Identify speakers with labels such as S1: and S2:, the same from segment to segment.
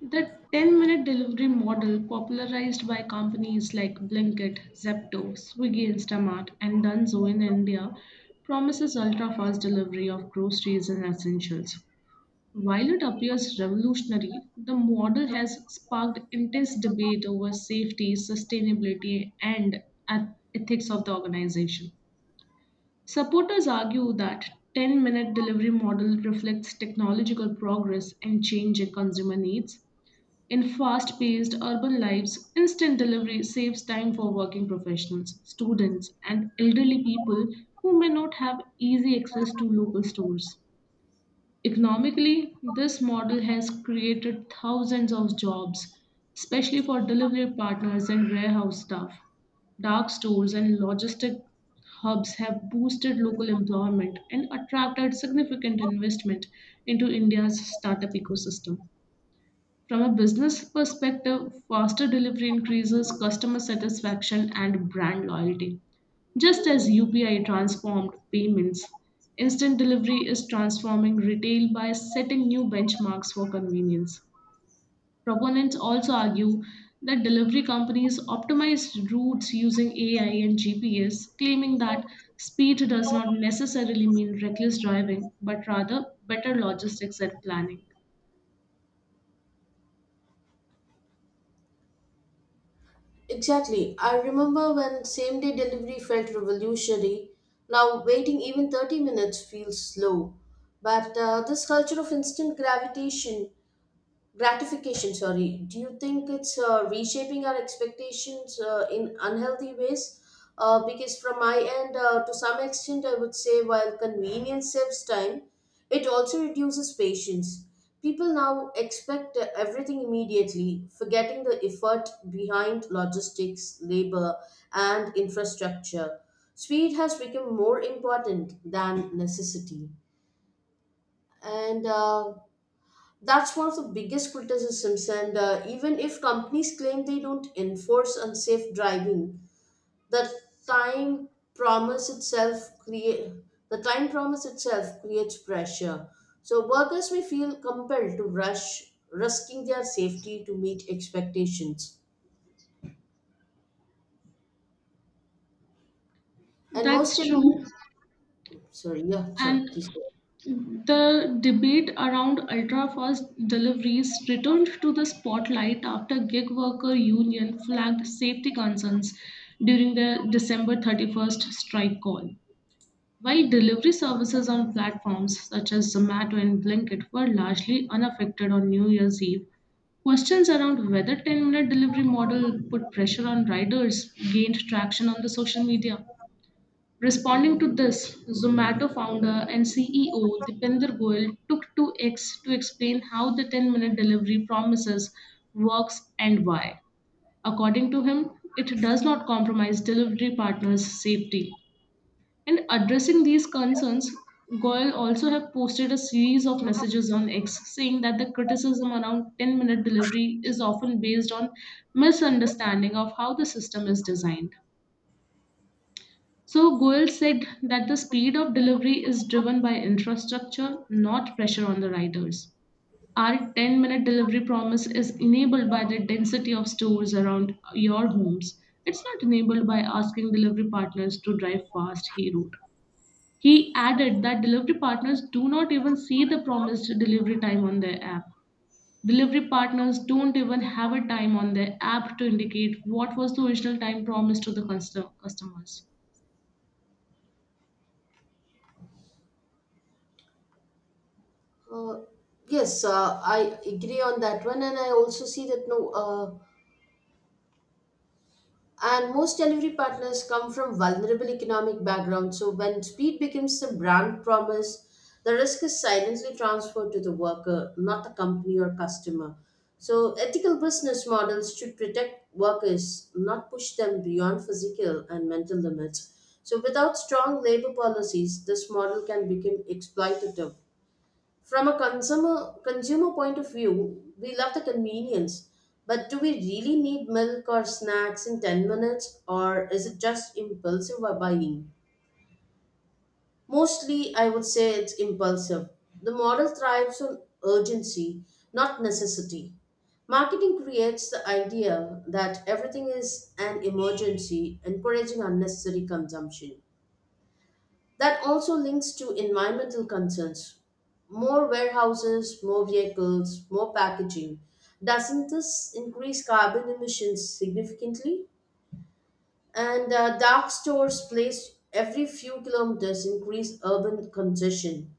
S1: The 10-minute delivery model, popularized by companies like Blinkit, Zepto, Swiggy Instamart, and Dunzo in India, promises ultra fast delivery of groceries and essentials. While it appears revolutionary, the model has sparked intense debate over safety, sustainability, and ethics of the organization. Supporters argue that 10-minute delivery model reflects technological progress and change in consumer needs in fast paced urban lives. Instant delivery saves time for working professionals, students, and elderly people who may not have easy access to local stores. Economically, this model has created thousands of jobs, especially for delivery partners and warehouse staff. Dark stores and logistic hubs have boosted local employment and attracted significant investment into India's startup ecosystem. From a business perspective, faster delivery increases customer satisfaction and brand loyalty. Just as UPI transformed payments, instant delivery is transforming retail by setting new benchmarks for convenience. Proponents also argue that delivery companies optimize routes using AI and GPS, claiming that speed does not necessarily mean reckless driving, but rather better logistics and planning.
S2: Exactly. I remember when same day delivery felt revolutionary. Now, waiting even 30 minutes feels slow. But this culture of instant gravitation gratification, sorry, do you think it's reshaping our expectations in unhealthy ways, because from my end, to some extent I would say while convenience saves time, it also reduces patience. People now expect everything immediately, forgetting the effort behind logistics, labor and infrastructure. Speed has become more important than necessity. And uh, that's one of the biggest criticisms, and even if companies claim they don't enforce unsafe driving, the time promise itself create the time promise itself creates pressure. So workers may feel compelled to rush, risking their safety to meet expectations. And most
S1: That's
S2: enemies,
S1: true.
S2: sorry, Yeah, sorry,
S1: And
S2: please go.
S1: The debate around ultra-fast deliveries returned to the spotlight after gig worker union flagged safety concerns during their December 31st strike call. While delivery services on platforms such as Zomato and Blinkit were largely unaffected on New Year's Eve, questions around whether 10-minute delivery model put pressure on riders gained traction on the social media. Responding to this, Zomato founder and CEO Dipender Goyal took to X to explain how the 10-minute delivery promises works and why. According to him, it does not compromise delivery partners' safety. And addressing these concerns, Goyal also have posted a series of messages on X saying that the criticism around 10-minute delivery is often based on misunderstanding of how the system is designed. So Goel said that the speed of delivery is driven by infrastructure, not pressure on the riders. Our 10-minute delivery promise is enabled by the density of stores around your homes. It's not enabled by asking delivery partners to drive fast, he wrote. He added that delivery partners do not even see the promised delivery time on their app. Delivery partners don't even have a time on their app to indicate what was the original time promised to the customers.
S2: Uh, yes, I agree on that one, and I also see that. No. And most delivery partners come from vulnerable economic backgrounds, so when speed becomes the brand promise, the risk is silently transferred to the worker, not the company or customer. So ethical business models should protect workers, not push them beyond physical and mental limits. So without strong labor policies, this model can become exploitative. From a consumer point of view, we love the convenience, but do we really need milk or snacks in 10 minutes, or is it just impulsive buying? Mostly, I would say it's impulsive. The model thrives on urgency, not necessity. Marketing creates the idea that everything is an emergency, encouraging unnecessary consumption. That also links to environmental concerns. More warehouses, more vehicles, more packaging. Doesn't this increase carbon emissions significantly? And dark stores placed every few kilometers increase urban congestion.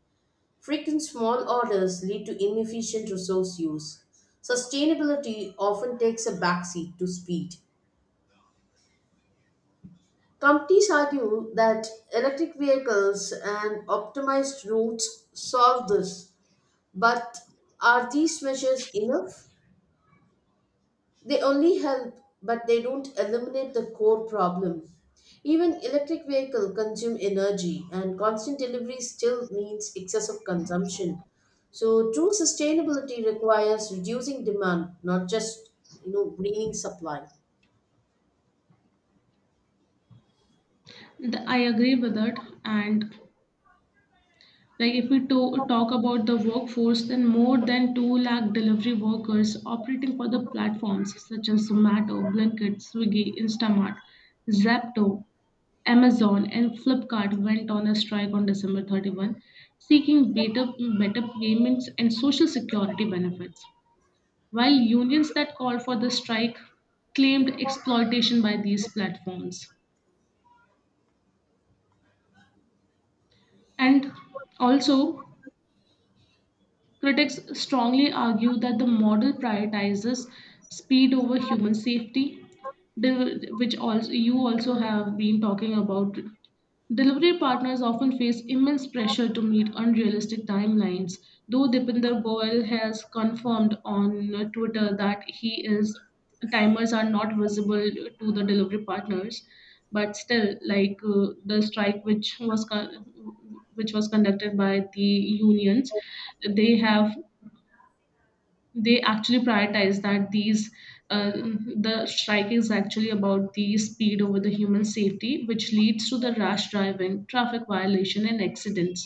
S2: Frequent small orders lead to inefficient resource use. Sustainability often takes a backseat to speed. Companies argue that electric vehicles and optimized routes solve this. But are these measures enough? They only help, but they don't eliminate the core problem. Even electric vehicles consume energy, and constant delivery still means excessive consumption. So true sustainability requires reducing demand, not just greening supply.
S1: I agree with that. And like if we talk about the workforce, then more than 2 lakh delivery workers operating for the platforms such as Zomato, Blinkit, Swiggy, Instamart, Zapto, Amazon, and Flipkart went on a strike on December 31, seeking better payments and social security benefits, while unions that called for the strike claimed exploitation by these platforms. And also, critics strongly argue that the model prioritizes speed over human safety, which also you also have been talking about. Delivery partners often face immense pressure to meet unrealistic timelines, though Dipinder Goyal has confirmed on Twitter that he is timers are not visible to the delivery partners. But still, the strike which was conducted by the unions, they have they actually prioritize that these uh, the strike is actually about the speed over the human safety, which leads to the rash driving, traffic violation, and accidents.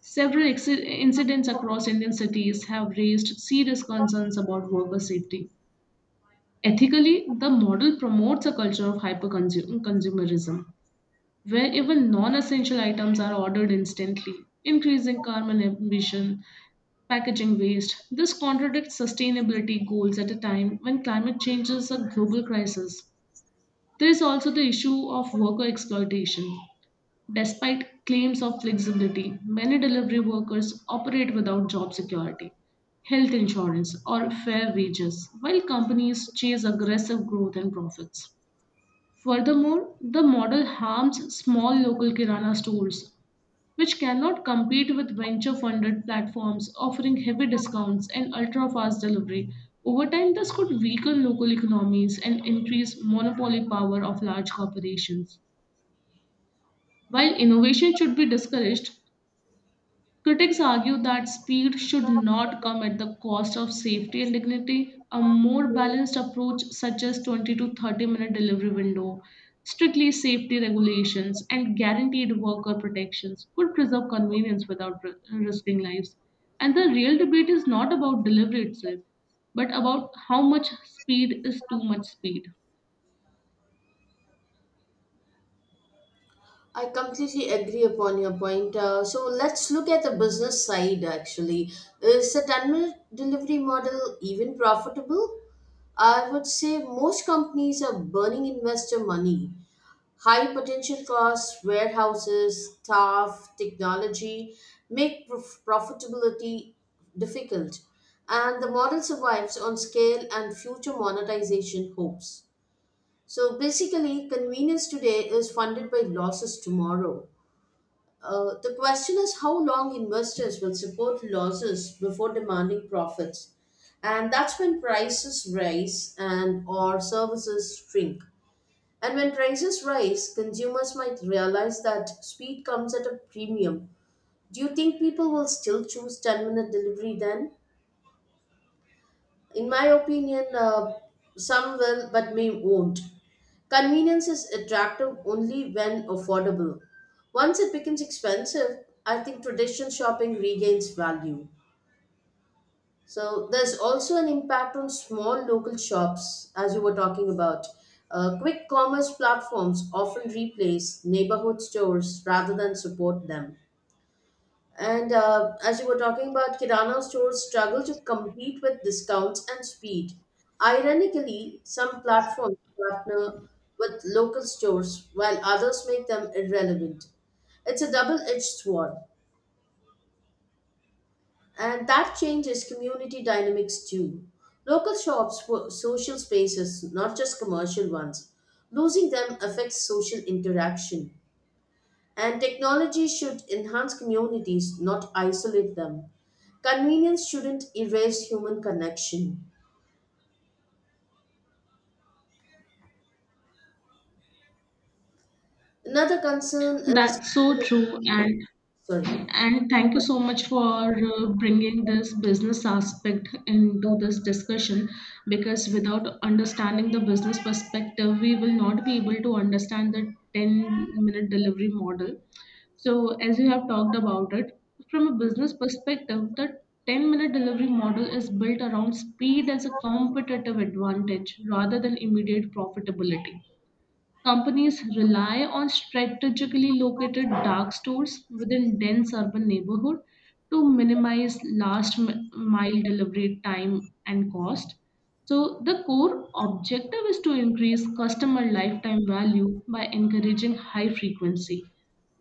S1: Several incidents across Indian cities have raised serious concerns about worker safety. Ethically, the model promotes a culture of hyper consumerism where even non-essential items are ordered instantly, increasing carbon emission, packaging waste. This contradicts sustainability goals at a time when climate change is a global crisis. There is also the issue of worker exploitation. Despite claims of flexibility, many delivery workers operate without job security, health insurance, or fair wages, while companies chase aggressive growth and profits. Furthermore, the model harms small local kirana stores which cannot compete with venture funded platforms offering heavy discounts and ultra fast delivery. Over time, this could weaken local economies and increase monopoly power of large corporations. While innovation should be discouraged, critics argue that speed should not come at the cost of safety and dignity. A more balanced approach suggests 20 to 30 minute delivery window, strictly safety regulations, and guaranteed worker protections could preserve convenience without risking lives. And the real debate is not about delivery itself, but about how much speed is too much speed.
S2: I completely agree upon your point. So let's look at the business side actually. Is the 10-minute delivery model even profitable? I would say most companies are burning investor money. High potential costs, warehouses, staff, technology make profitability difficult, and the model survives on scale and future monetization hopes. So basically, convenience today is funded by losses tomorrow. The question is how long investors will support losses before demanding profits. And that's when prices rise and or services shrink. And when prices rise, consumers might realize that speed comes at a premium. Do you think people will still choose 10-minute delivery then? In my opinion, some will but may won't. Convenience is attractive only when affordable. Once it becomes expensive, I think traditional shopping regains value. So there's also an impact on small local shops, as you were talking about. Quick commerce platforms often replace neighborhood stores rather than support them. And as you were talking about, Kirana stores struggle to compete with discounts and speed. Ironically, some platforms partner with local stores while others make them irrelevant. It's a double edged sword, and that changes community dynamics too. Local shops were social spaces, not just commercial ones. Losing them affects social interaction. And technology should enhance communities, not isolate them. Convenience shouldn't erase human connection. Another concern is
S1: That's so true.
S2: Sorry.
S1: And thank you so much for bringing this business aspect into this discussion, because without understanding the business perspective, we will not be able to understand the 10-minute delivery model. So, as you have talked about it, from a business perspective, the 10-minute delivery model is built around speed as a competitive advantage rather than immediate profitability. Companies rely on strategically located dark stores within dense urban neighborhood to minimize last mile delivery time and cost. So the core objective is to increase customer lifetime value by encouraging high frequency,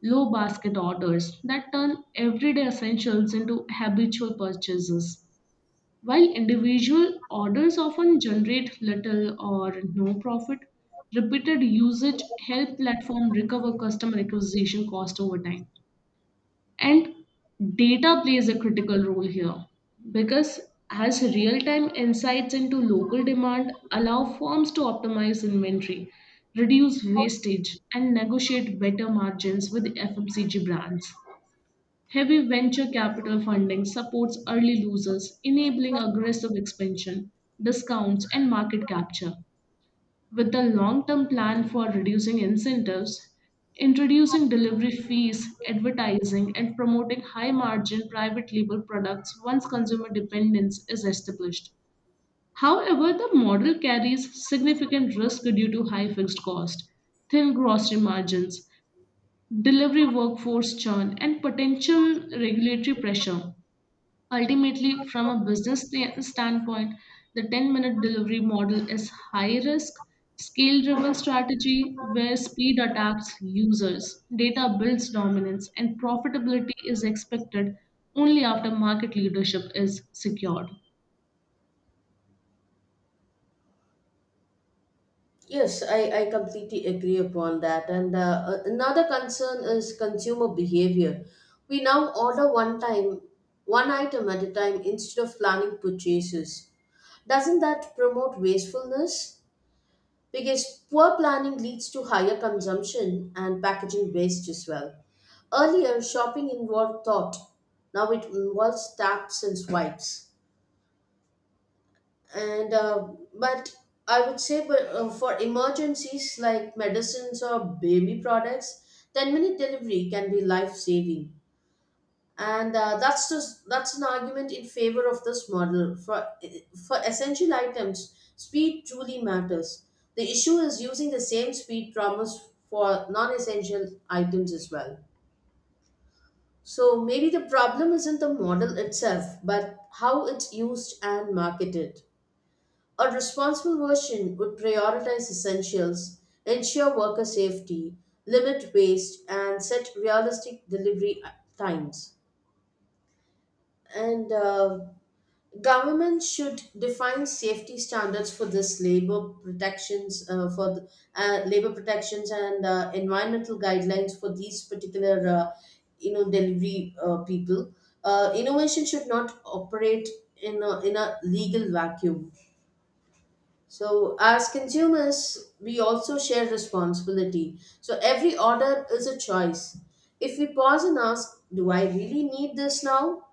S1: low basket orders that turn everyday essentials into habitual purchases. While individual orders often generate little or no profit, repeated usage help platform recover customer acquisition cost over time. And data plays a critical role here because as real-time insights into local demand allow firms to optimize inventory, reduce wastage, and negotiate better margins with FMCG brands. Heavy venture capital funding supports early losers, enabling aggressive expansion, discounts, and market capture, with a long term plan for reducing incentives, introducing delivery fees, advertising, and promoting high margin private label products once consumer dependence is established. However, the model carries significant risk due to high fixed cost, thin gross margins, delivery workforce churn, and potential regulatory pressure. Ultimately, from a business standpoint, the 10-minute delivery model is high risk, scale driven strategy where speed attacks users, data builds dominance, and profitability is expected only after market leadership is secured.
S2: Yes, I completely agree upon that. And another concern is consumer behavior. We now one item at a time instead of planning purchases. Doesn't that promote wastefulness? Because poor planning leads to higher consumption and packaging waste as well. Earlier, shopping involved thought. Now it involves taps and swipes. And but I would say, but for emergencies like medicines or baby products, 10 minute delivery can be life saving, and that's just, that's an argument in favor of this model. For essential items, speed truly matters. The issue is using the same speed promise for non-essential items as well. So maybe the problem isn't the model itself, but how it's used and marketed. A responsible version would prioritize essentials, ensure worker safety, limit waste and set realistic delivery times. And Government should define safety standards for this, labor protections for labor protections and environmental guidelines for these particular, delivery people. Innovation should not operate in in a legal vacuum. So as consumers, we also share responsibility. So every order is a choice. If we pause and ask, do I really need this now?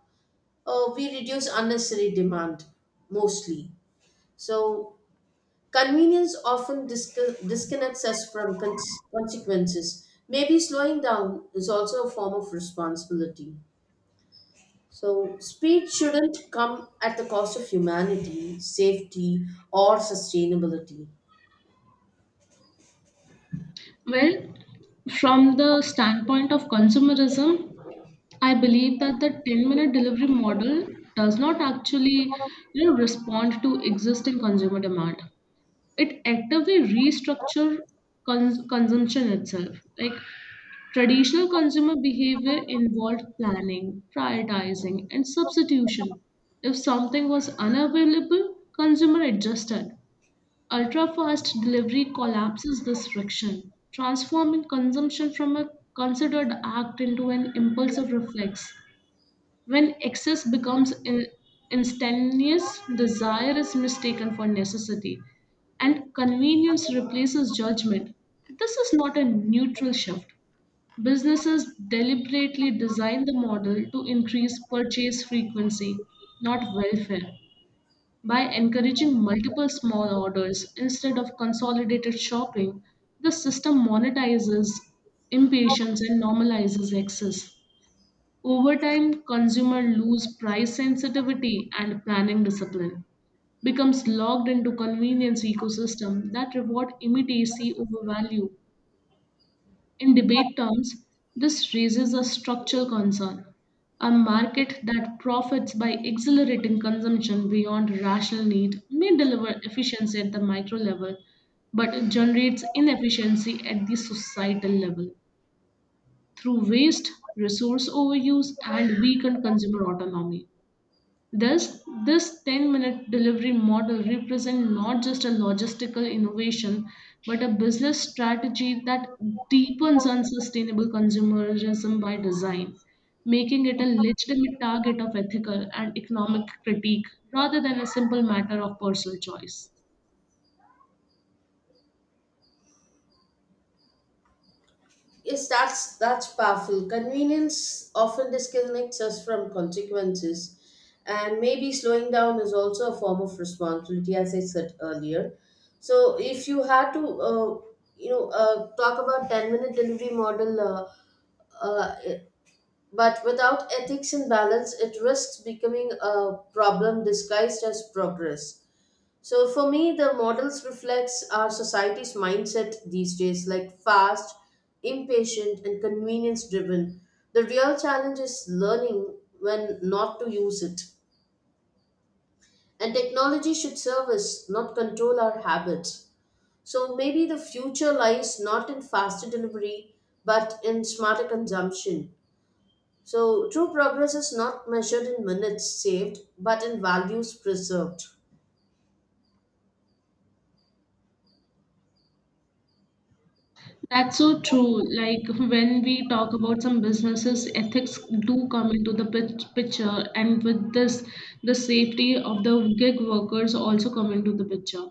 S2: We reduce unnecessary demand mostly. So convenience often disconnects us from consequences. Maybe slowing down is also a form of responsibility. So speed shouldn't come at the cost of humanity, safety, or sustainability.
S1: Well, from the standpoint of consumerism, I believe that the 10-minute delivery model does not actually, you know, respond to existing consumer demand. It actively restructure consumption itself. Like, traditional consumer behavior involved planning, prioritizing, and substitution. If something was unavailable, consumer adjusted. Ultra fast delivery collapses this friction, transforming consumption from a considered act into an impulsive reflex. When excess becomes instantaneous, desire is mistaken for necessity, and convenience replaces judgment. This is not a neutral shift. Businesses deliberately design the model to increase purchase frequency, not welfare. By encouraging multiple small orders instead of consolidated shopping, the system monetizes impatience and normalizes excess. Over time, consumer lose price sensitivity and planning discipline, becomes locked into convenience ecosystem that reward immediacy over value. In debate terms, this raises a structural concern. A market that profits by accelerating consumption beyond rational need may deliver efficiency at the micro level, but it generates inefficiency at the societal level through waste, resource overuse, and weakened consumer autonomy. Thus, this 10-minute delivery model represents not just a logistical innovation, but a business strategy that deepens unsustainable consumerism by design, making it a legitimate target of ethical and economic critique rather than a simple matter of personal choice.
S2: Yes, that's powerful. Convenience often disconnects us from consequences, and maybe slowing down is also a form of responsibility, as I said earlier. So if you had to, talk about ten-minute delivery model, uh, eh, but without ethics and balance, it risks becoming a problem disguised as progress. So for me, the models reflects our society's mindset these days, like fast, impatient, and convenience driven. The real challenge is learning when not to use it. And technology should serve us, not control our habits. So maybe the future lies not in faster delivery, but in smarter consumption. So true progress is not measured in minutes saved, but in values preserved.
S1: That's so true. Like, when we talk about some businesses, ethics do come into the picture, and with this, the safety of the gig workers also come into the picture.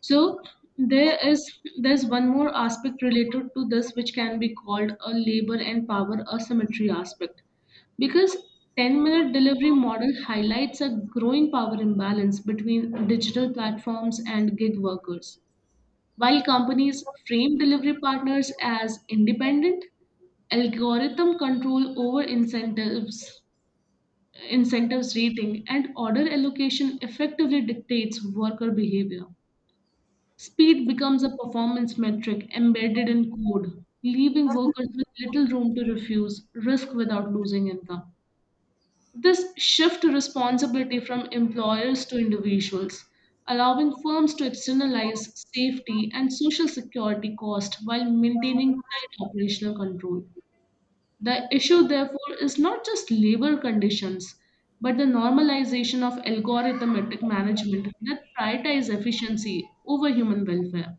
S1: So there is there's one more aspect related to this which can be called a labor and power asymmetry aspect, because 10-minute delivery model highlights a growing power imbalance between digital platforms and gig workers. While companies frame delivery partners as independent, algorithm control over incentives rating, and order allocation effectively dictates worker behavior. Speed becomes a performance metric embedded in code, leaving workers with little room to refuse risk without losing income. This shift responsibility from employers to individuals, allowing firms to externalize safety and social security costs while maintaining tight operational control. The issue, therefore, is not just labor conditions, but the normalization of algorithmic management that prioritizes efficiency over human welfare.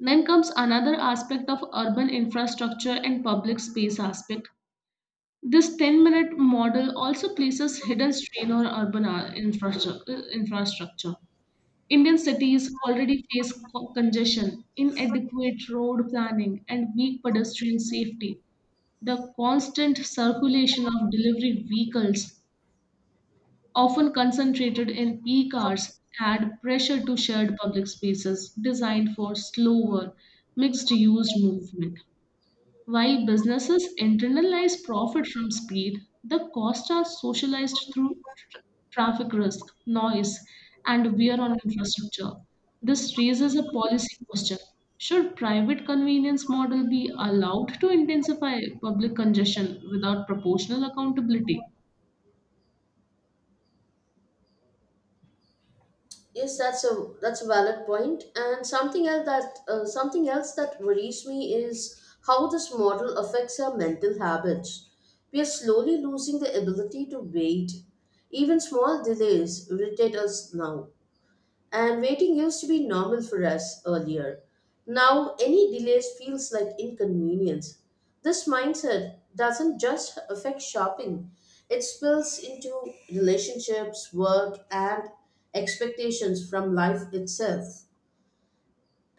S1: Then comes another aspect of urban infrastructure and public space aspect. This 10-minute model also places hidden strain on urban infrastructure. Indian cities already face congestion, inadequate road planning, and weak pedestrian safety. The constant circulation of delivery vehicles, often concentrated in peak hours, add pressure to shared public spaces designed for slower, mixed use movement. While businesses internalize profit from speed, the costs are socialized through tra- traffic risk, noise, and wear on infrastructure. This raises a policy question. Should private convenience model be allowed to intensify public congestion without proportional accountability?
S2: Yes, that's a valid point. And something else that worries me is how this model affects our mental habits. We are slowly losing the ability to wait. Even small delays irritate us now. And waiting used to be normal for us earlier. Now, any delays feels like inconvenience. This mindset doesn't just affect shopping, it spills into relationships, work, and expectations from life itself.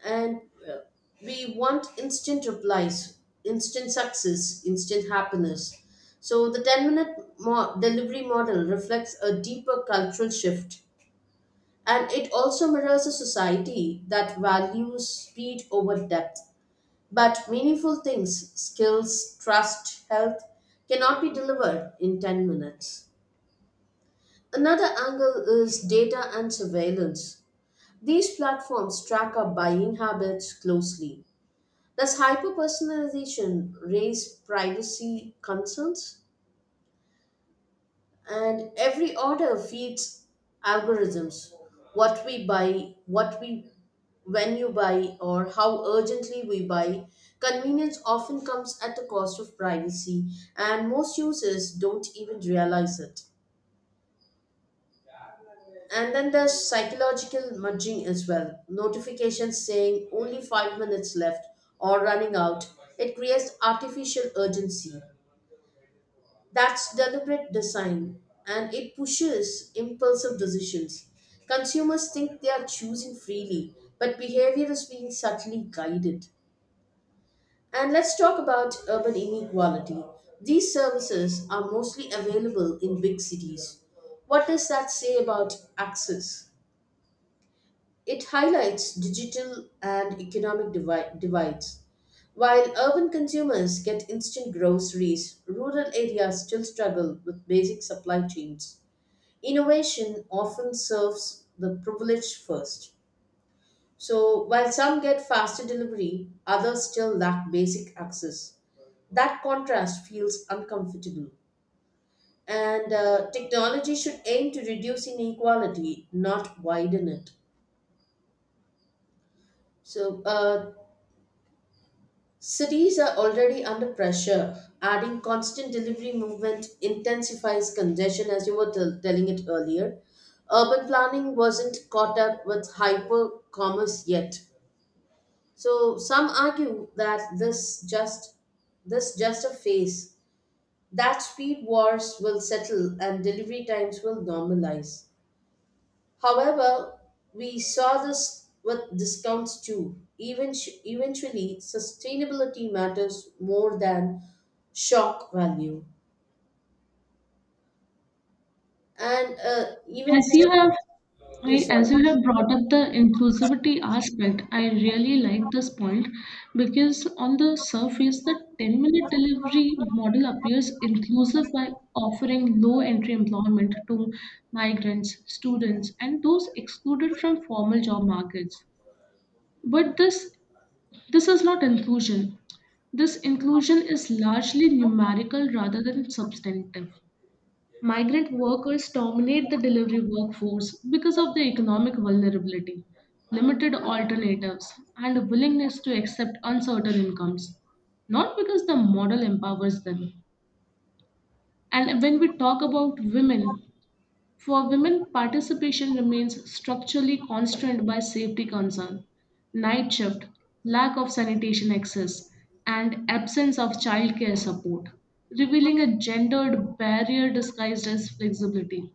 S2: And uh, we want instant replies, instant success, instant happiness. So the 10 minute delivery model reflects a deeper cultural shift, and it also mirrors a society that values speed over depth. But meaningful things, skills, trust, health, cannot be delivered in 10 minutes. Another angle is data and surveillance. These platforms track our buying habits closely. Does hyperpersonalization raise privacy concerns? And every order feeds algorithms: what we buy, what we when you buy, or how urgently we buy. Convenience often comes at the cost of privacy, and most users don't even realize it. And then there's psychological nudging as well, notifications saying only 5 minutes left or running out. It creates artificial urgency. That's deliberate design, and it pushes impulsive decisions. Consumers think they are choosing freely, but behavior is being subtly guided. And let's talk about urban inequality. These services are mostly available in big cities. What does that say about access? It highlights digital and economic divides. While urban consumers get instant groceries, rural areas still struggle with basic supply chains. Innovation often serves the privileged first. So while some get faster delivery, others still lack basic access. That contrast feels uncomfortable. And Technology should aim to reduce inequality, not widen it. So, cities are already under pressure. Adding constant delivery movement intensifies congestion, as you were telling it earlier. Urban planning wasn't caught up with hyper commerce yet. So some argue that this just a phase. That speed wars will settle and delivery times will normalize. However, we saw this with discounts too. Even eventually, sustainability matters more than shock value. And uh,
S1: As
S2: even,
S1: you have
S2: yeah,
S1: I, as
S2: sorry,
S1: you have brought up the inclusivity aspect, I really like this point, because on the surface, the 10-minute delivery model appears inclusive by offering low entry employment to migrants, students, and those excluded from formal job markets. But this, this is not inclusion. This inclusion is largely numerical rather than substantive. Migrant workers dominate the delivery workforce because of their economic vulnerability, limited alternatives, and a willingness to accept uncertain incomes, not because the model empowers them. And when we talk about women, for women, participation remains structurally constrained by safety concern, night shift, lack of sanitation access, and absence of childcare support, revealing a gendered barrier disguised as flexibility.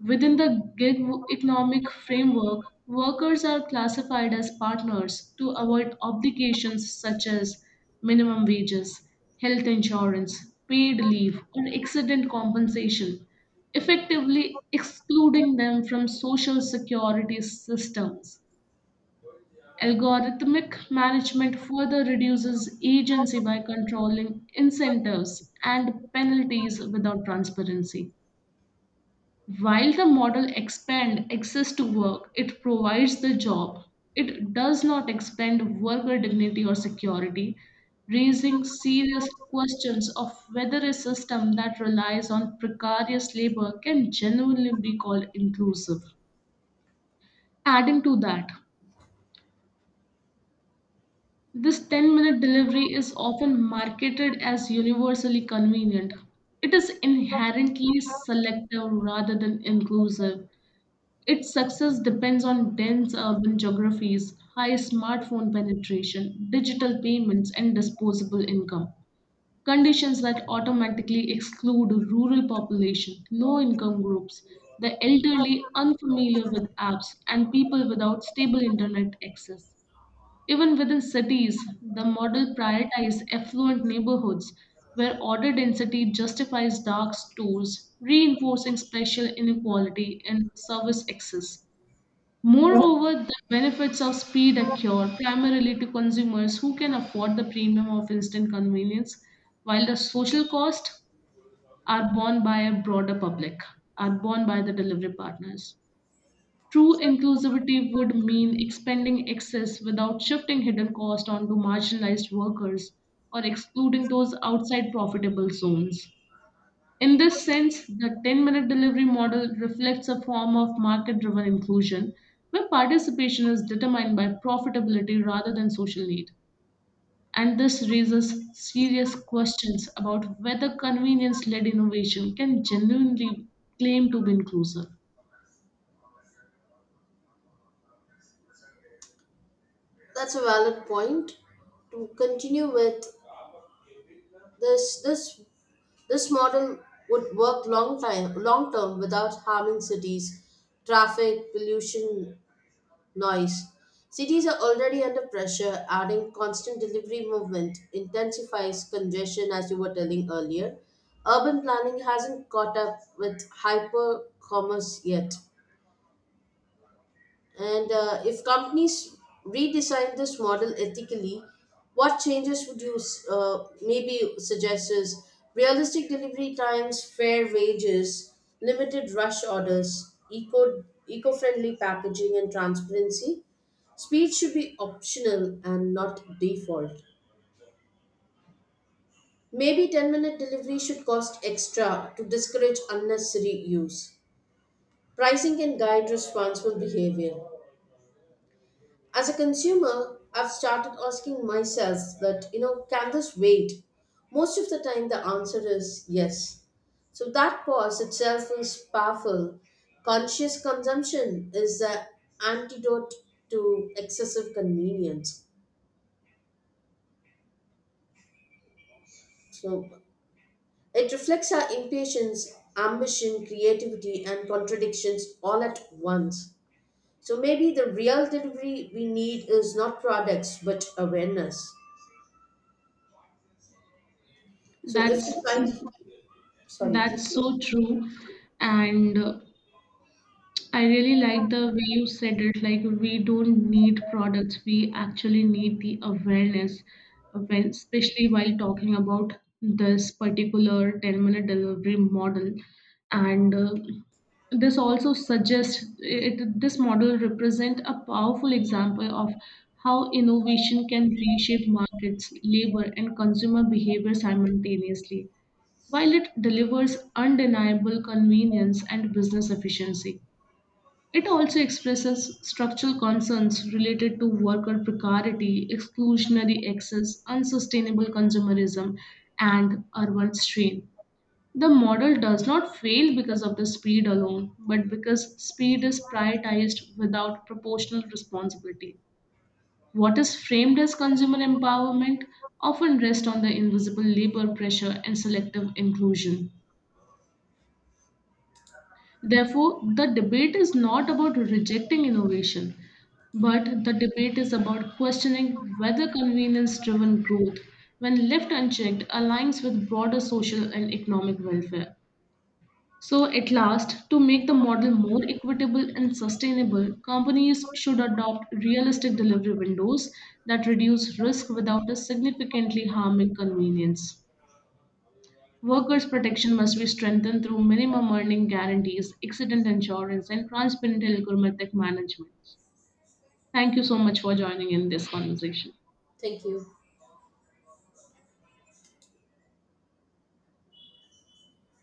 S1: Within the gig economic framework, workers are classified as partners to avoid obligations such as minimum wages, health insurance, paid leave, or accident compensation, effectively excluding them from social security systems. Algorithmic management further reduces agency by controlling incentives and penalties without transparency. While the model expand access to work, it provides the job. It does not expand worker dignity or security, raising serious questions of whether a system that relies on precarious labor can genuinely be called inclusive. Adding to that, this 10-minute delivery is often marketed as universally convenient. It is inherently selective rather than inclusive. Its success depends on dense urban geographies, high smartphone penetration, digital payments, and disposable income. Conditions that automatically exclude rural population, low income groups, the elderly unfamiliar with apps, and people without stable internet access. Even within cities, the model prioritizes affluent neighborhoods where order density justifies dark stores, reinforcing spatial inequality in service access. Moreover, the benefits of speed accrue primarily to consumers who can afford the premium of instant convenience, while the social costs are borne by a broader public, are borne by the delivery partners. True inclusivity would mean expanding access without shifting hidden costs onto marginalized workers or excluding those outside profitable zones. In this sense, the 10-minute delivery model reflects a form of market driven inclusion where participation is determined by profitability rather than social need. And this raises serious questions about whether convenience led innovation can genuinely claim to be inclusive.
S2: that's a valid point. To continue with this, this, this model would work long time, long term without harming cities, traffic, pollution, noise. Cities are already under pressure, adding constant delivery movement intensifies congestion, as you were telling earlier. Urban planning hasn't caught up with hyper commerce yet. And if companies redesign this model ethically, what changes would you maybe suggest? Is realistic delivery times, fair wages, limited rush orders, eco-friendly packaging and transparency. Speed should be optional and not default. Maybe 10-minute delivery should cost extra to discourage unnecessary use. Pricing can guide responsible behavior. As a consumer, I've started asking myself that, can this wait? Most of the time the answer is yes. So that pause itself is powerful. Conscious consumption is the antidote to excessive convenience. So it reflects our impatience, ambition, creativity and contradictions all at once. So maybe the real delivery we need is not products but awareness. So if
S1: That's,
S2: society Sorry, please.
S1: that's so true. And I really like the way you said it. Like, we don't need products, we actually need the awareness, when, especially while talking about this particular 10-minute delivery model. And this also suggests it, this model represent a powerful example of how innovation can reshape markets, labor, and consumer behavior simultaneously, while it delivers undeniable convenience and business efficiency. It also expresses structural concerns related to worker precarity, exclusionary access, unsustainable consumerism, and urban strain. The model does not fail because of the speed alone, but because speed is prioritized without proportional responsibility. What is framed as consumer empowerment often rests on the invisible labor pressure and selective inclusion. Therefore, the debate is not about rejecting innovation, but the debate is about questioning whether convenience driven growth, when left unchecked, aligns with broader social and economic welfare. So, at last, to make the model more equitable and sustainable, companies should adopt realistic delivery windows that reduce risk without a significantly harming convenience. Workers' protection must be strengthened through minimum earning guarantees, accident insurance, and transparent algorithmic management. Thank you so much for joining in this conversation.
S2: Thank you.